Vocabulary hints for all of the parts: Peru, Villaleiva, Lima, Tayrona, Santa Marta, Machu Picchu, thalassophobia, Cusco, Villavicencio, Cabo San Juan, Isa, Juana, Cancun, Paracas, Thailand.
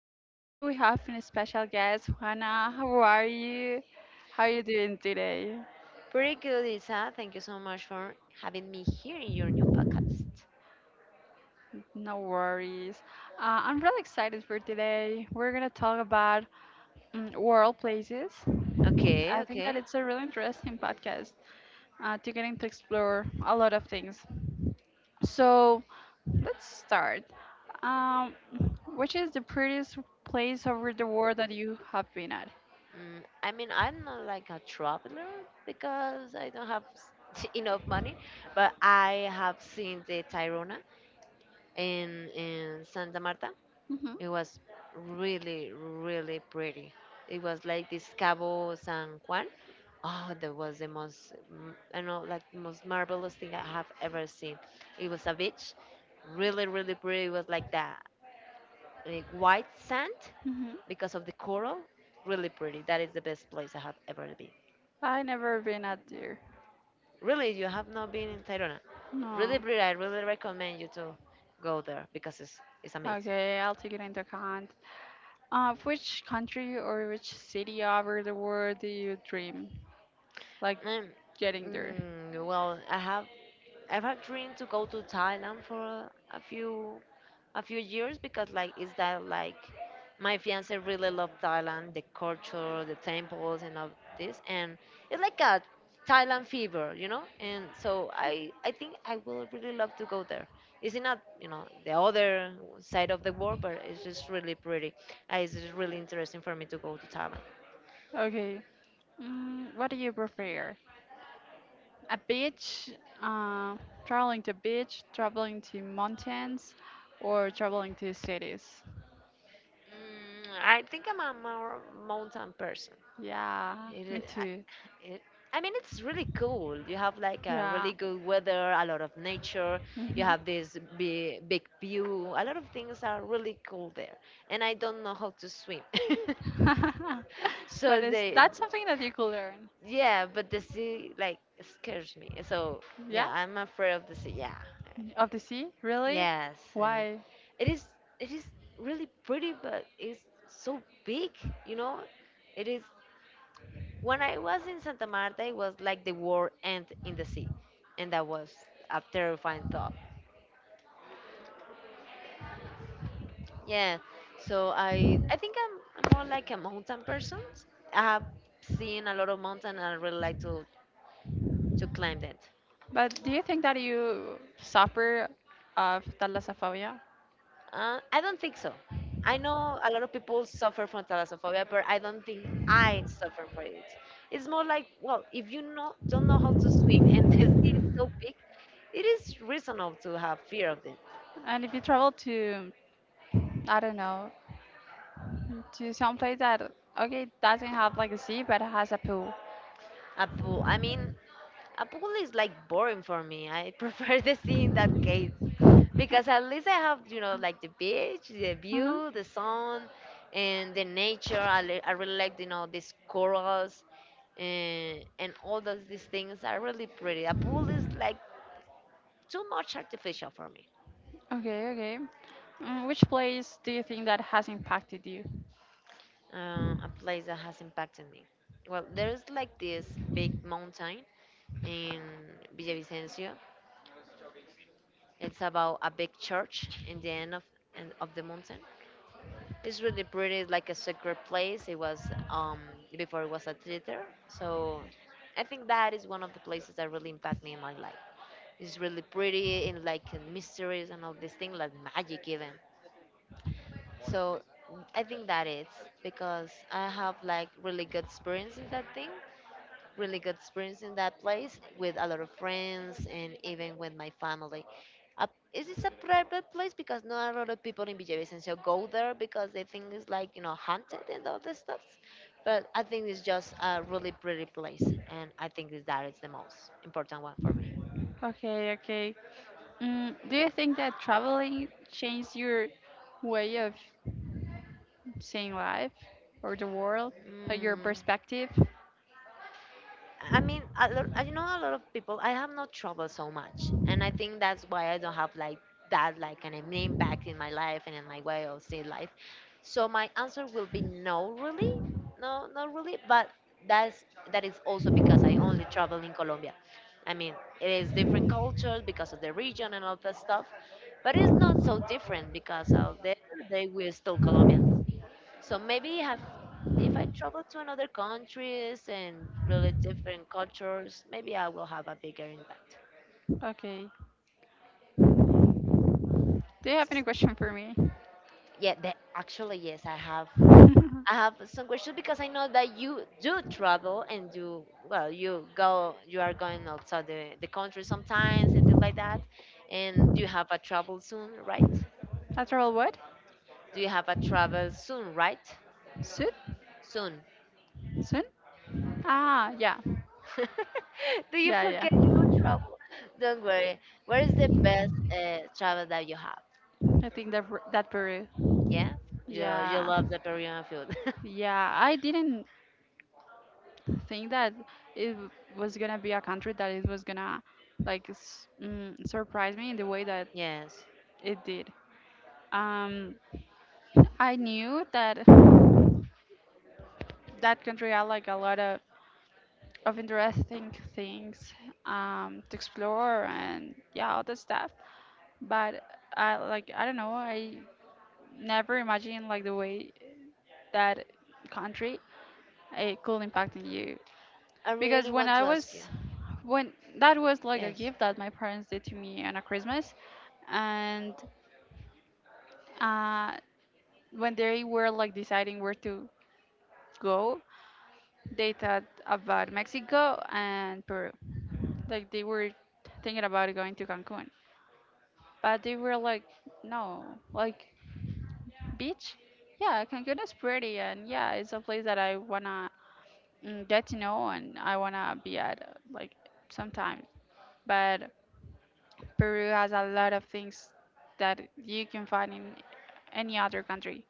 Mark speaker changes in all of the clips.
Speaker 1: podcast. Today we have a special guest, Juana. How are you? How are you doing today?
Speaker 2: Pretty good, Isa. Thank you so much for having me here in your new podcast.
Speaker 1: No worries. I'm really excited for today. We're going to talk about world places.
Speaker 2: Okay,
Speaker 1: I think that
Speaker 2: okay.
Speaker 1: it's a really interesting podcast to getting to explore a lot of things. So let's start. Um, which is the prettiest place over the world that you have been at?
Speaker 2: I mean, I'm not like a traveler because I don't have enough money, but I have seen the Tayrona in Santa Marta.
Speaker 1: Hmm.
Speaker 2: It was really, really pretty. It was like this Cabo San Juan. Oh, that was the most, I know, like most marvelous thing I have ever seen. It was a beach, really, really pretty. It was like that like white sand because of the coral. Really pretty. That is the best place I have ever been.
Speaker 1: I never been out there.
Speaker 2: Really, you have not been in Tayrona. Really
Speaker 1: No.
Speaker 2: pretty. I really recommend you to go there because it's amazing.
Speaker 1: Okay, I'll take it into account. Which country or which city over the world do you dream like
Speaker 2: Um,
Speaker 1: getting there?
Speaker 2: well, I've dreamed to go to Thailand for a few years because like is that like my fiance really loved Thailand, the culture, the temples and all this and it's like a Thailand fever, you know? And so I think I will really love to go there. It's not the other side of the world, but it's just really pretty. It's just really interesting for me to go to Thailand.
Speaker 1: Okay. What do you prefer? A beach, uh, traveling to beach, traveling to mountains, or traveling to cities?
Speaker 2: I think I'm a more mountain person.
Speaker 1: Yeah,
Speaker 2: It
Speaker 1: me
Speaker 2: is,
Speaker 1: too.
Speaker 2: It, I mean, it's really cool. You have like a
Speaker 1: Yeah.
Speaker 2: really good weather, a lot of nature. You
Speaker 1: Mhm.
Speaker 2: have this big, big view. A lot of things are really cool there. And I don't know how to swim.
Speaker 1: But
Speaker 2: so
Speaker 1: is
Speaker 2: they,
Speaker 1: that something that you could learn?
Speaker 2: yeah, but the sea like scares me. So
Speaker 1: Yeah,
Speaker 2: yeah, I'm afraid of the sea. Yeah,
Speaker 1: of the sea, really?
Speaker 2: yes,
Speaker 1: Why?
Speaker 2: it is. It is really pretty, but it's so big. You know, it is. When I was in Santa Marta, it was like the world end in the sea, and that was a terrifying thought. Yeah, so I think I'm more like a mountain person. I have seen a lot of mountain, and I really like to climb that.
Speaker 1: But do you think that you suffer of thalassophobia?
Speaker 2: I don't think so. I know a lot of people suffer from thalassophobia, but I don't think I suffer from it. It's more like, well, if you know, don't know how to swim and the sea is so big, it is reasonable to have fear of it.
Speaker 1: And if you travel to, I don't know, to some place that okay doesn't have like a sea but it has a pool,
Speaker 2: A pool. A pool is like boring for me. I prefer the sea in that case because at least I have, you know, like the beach, the
Speaker 1: hmm.
Speaker 2: view, the sun, and the nature. I really like, you know, these corals and all those these things are really pretty. A pool is like too much artificial for me.
Speaker 1: Okay, okay. Which place do you think that has impacted you?
Speaker 2: A place that has impacted me. Well, there's like this big mountain in Villavicencio. It's about a big church in the end of the mountain. It's really pretty, like a secret place. It was before it was a theater, so I think that is one of the places that really impact me in my life. It's really pretty and like mysteries and all this thing, like magic even. So I think that it's because I have like really good experience in that place with a lot of friends and even with my family. Uh, it is a private place because not a lot of people in Villavicencio go there because they think it's like, you know, haunted and all this stuff. But I think it's just a really pretty place, and I think that is the most important one for me.
Speaker 1: Okay, okay. Do you think that traveling changed your way of seeing life or the world or your
Speaker 2: Mm.
Speaker 1: perspective?
Speaker 2: I mean, a lot, I know a lot of people. I have no trouble so much, and I think that's why I don't have like that like an impact in my life and in my way of see life. So my answer will be no, really, no, not really. But that's that is also because I only travel in Colombia. I mean, it is different cultures because of the region and all that stuff, but it's not so different because of the end of the day we're still Colombian. So maybe have if I travel to another countries and really different cultures, maybe I will have a bigger impact.
Speaker 1: Okay. Do you have any question for me?
Speaker 2: Yeah, that actually yes, I have. I have some questions because I know that you do travel and you well, you are going outside the country sometimes and things like that. And you have a travel soon, right?
Speaker 1: A travel what?
Speaker 2: Do you have a travel soon, right?
Speaker 1: Soon?
Speaker 2: Soon.
Speaker 1: Soon? Ah, yeah.
Speaker 2: Do you
Speaker 1: Yeah,
Speaker 2: forget? Don't
Speaker 1: yeah.
Speaker 2: travel. Don't worry. Where is the best travel that you have?
Speaker 1: I think that Peru.
Speaker 2: Yeah, you
Speaker 1: Yeah.
Speaker 2: love the Peruvian food.
Speaker 1: Yeah, I didn't think that it w- was gonna be a country that it was gonna surprise me in the way that
Speaker 2: Yes.
Speaker 1: it did. Um, I knew that that country had like a lot of interesting things to explore and yeah, all that stuff. But I like I don't know. I never imagined like the way that country it could impact on you.
Speaker 2: I
Speaker 1: Because
Speaker 2: really
Speaker 1: when
Speaker 2: want
Speaker 1: I
Speaker 2: to ask you.
Speaker 1: was when that was like a
Speaker 2: Yes,
Speaker 1: gift that my parents did to me on a Christmas, and uh, when they were like deciding where to go, they thought about Mexico and Peru. Like they were thinking about going to Cancun, but they were like, no, like beach. Yeah, Cancun is pretty, and yeah, it's a place that I wanna get to know and I wanna be at like sometime. But Peru has a lot of things that you can find in any other country.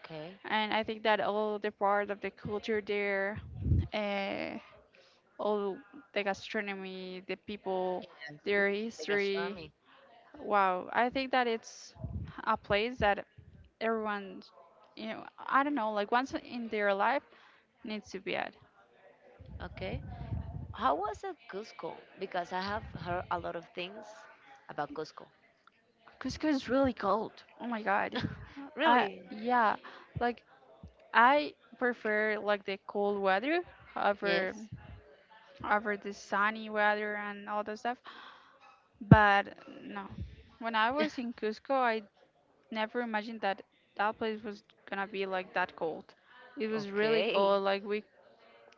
Speaker 2: okay.
Speaker 1: And I think that all the part of the culture there, uh, all the gastronomy, the people,
Speaker 2: And
Speaker 1: their
Speaker 2: the
Speaker 1: history.
Speaker 2: gastronomy.
Speaker 1: Wow, I think that it's a place that everyone, you know, I don't know, like once in their life needs to be at.
Speaker 2: Okay. How was it Cusco? Because I have heard a lot of things about Cusco.
Speaker 1: Cusco is really cold. Oh my God. I
Speaker 2: Really?
Speaker 1: yeah, like I prefer like the cold weather
Speaker 2: Yes.
Speaker 1: over the sunny weather and all that stuff. But no, when I was in Cusco, I never imagined that that place was gonna be like that cold. It was really
Speaker 2: Okay.
Speaker 1: cold. Like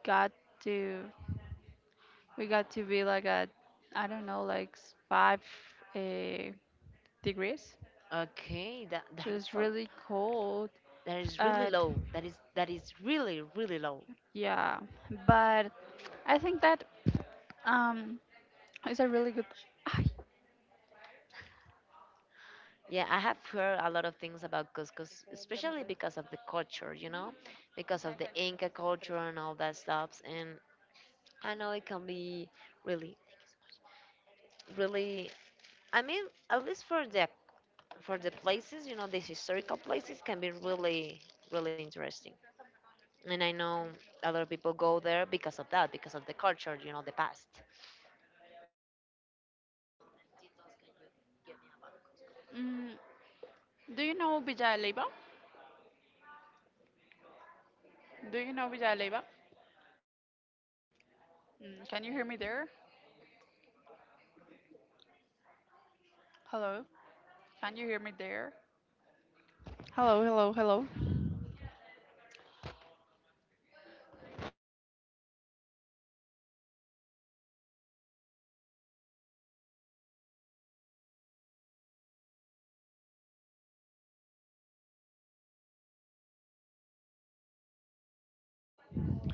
Speaker 1: got to we got to be like at I don't know like 5 uh, degrees.
Speaker 2: Okay. That
Speaker 1: It was
Speaker 2: that's all.
Speaker 1: really cold.
Speaker 2: That is really
Speaker 1: Uh,
Speaker 2: low. That is really really low.
Speaker 1: yeah, but I think that um it's a really good.
Speaker 2: Yeah, I have heard a lot of things about couscous, especially because of the culture, you know, because of the Inca culture and all that stuff. And I know it can be really
Speaker 1: Mm, do you know Villaleiva? Do you know Villaleiva? Mm, can you hear me there? Hello? Can you hear me there? Hello, hello, hello.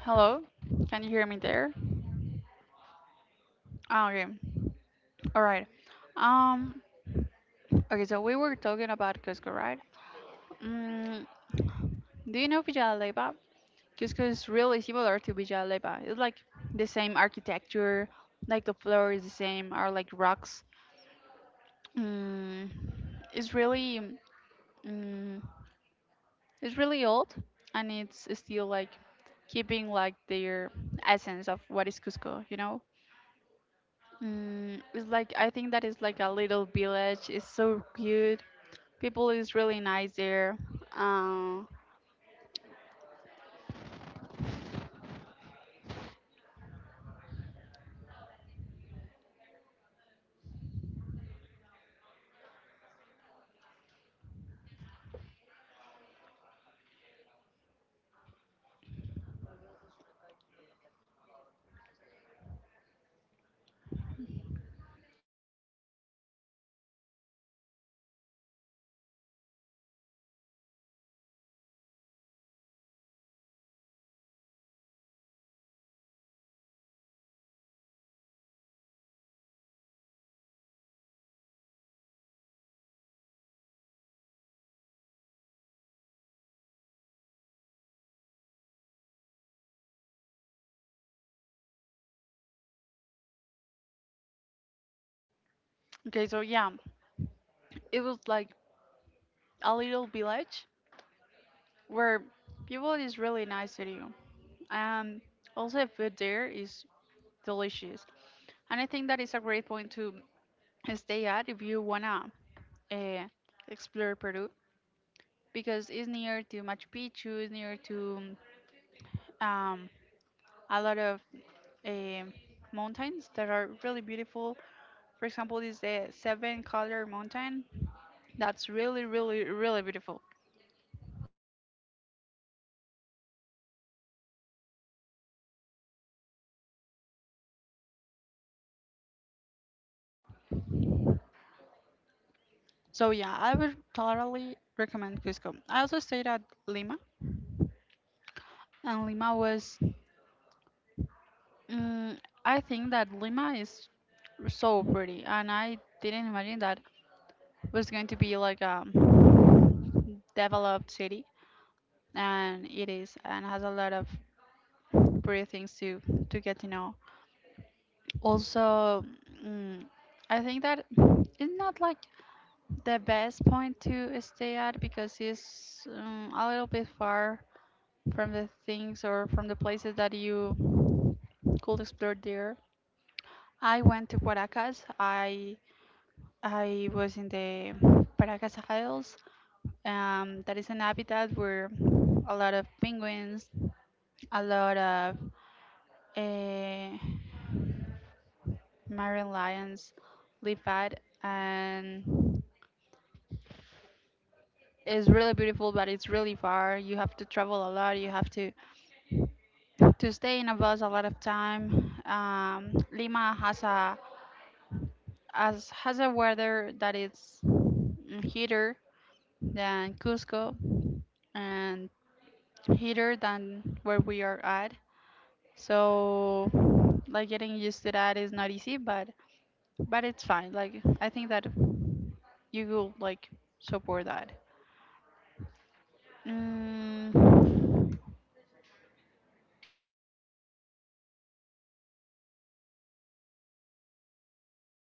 Speaker 1: Hello? Can you hear me there? Ah, okay. All right. Um, okay, so we were talking about Cusco, right? Mm, do you know Villaleiva? Cusco is really similar to Villaleiva. It's like the same architecture, like the floor is the same, are like rocks. Mm, it's really. Mm, It's really old and it's still like keeping like their essence of what is Cusco, you know? It's like I think that is like a little village. It's so cute. People is really nice there. Um, okay, so yeah, it was like a little village where people is really nice to you. Um, also the food there is delicious, and I think that is a great point to stay at if you wanna uh, explore Peru because it's near to Machu Picchu, it's near to um, a lot of um mountains that are really beautiful. For example, is the Seven Color Mountain. That's really, really, really beautiful. So yeah, I would totally recommend Cusco. I also stayed at Lima, and Lima was. Mm, I think that Lima is so pretty, and I didn't imagine that was going to be like a developed city, and it is, and has a lot of pretty things to get to know. Also, mm, I think that it's not like the best point to stay at because it's a little bit far from the things or from the places that you could explore there. I went to Paracas. I was in the Paracas Isles. That is an habitat where a lot of penguins, a lot of uh, Marion Lions live at and it's really beautiful but it's really far. You have to travel a lot. You have to stay in a bus a lot of time. Lima has a as has a weather that is heater than Cusco and heater than where we are at. So like getting used to that is not easy but it's fine. Like I think that you will like support that. 嗯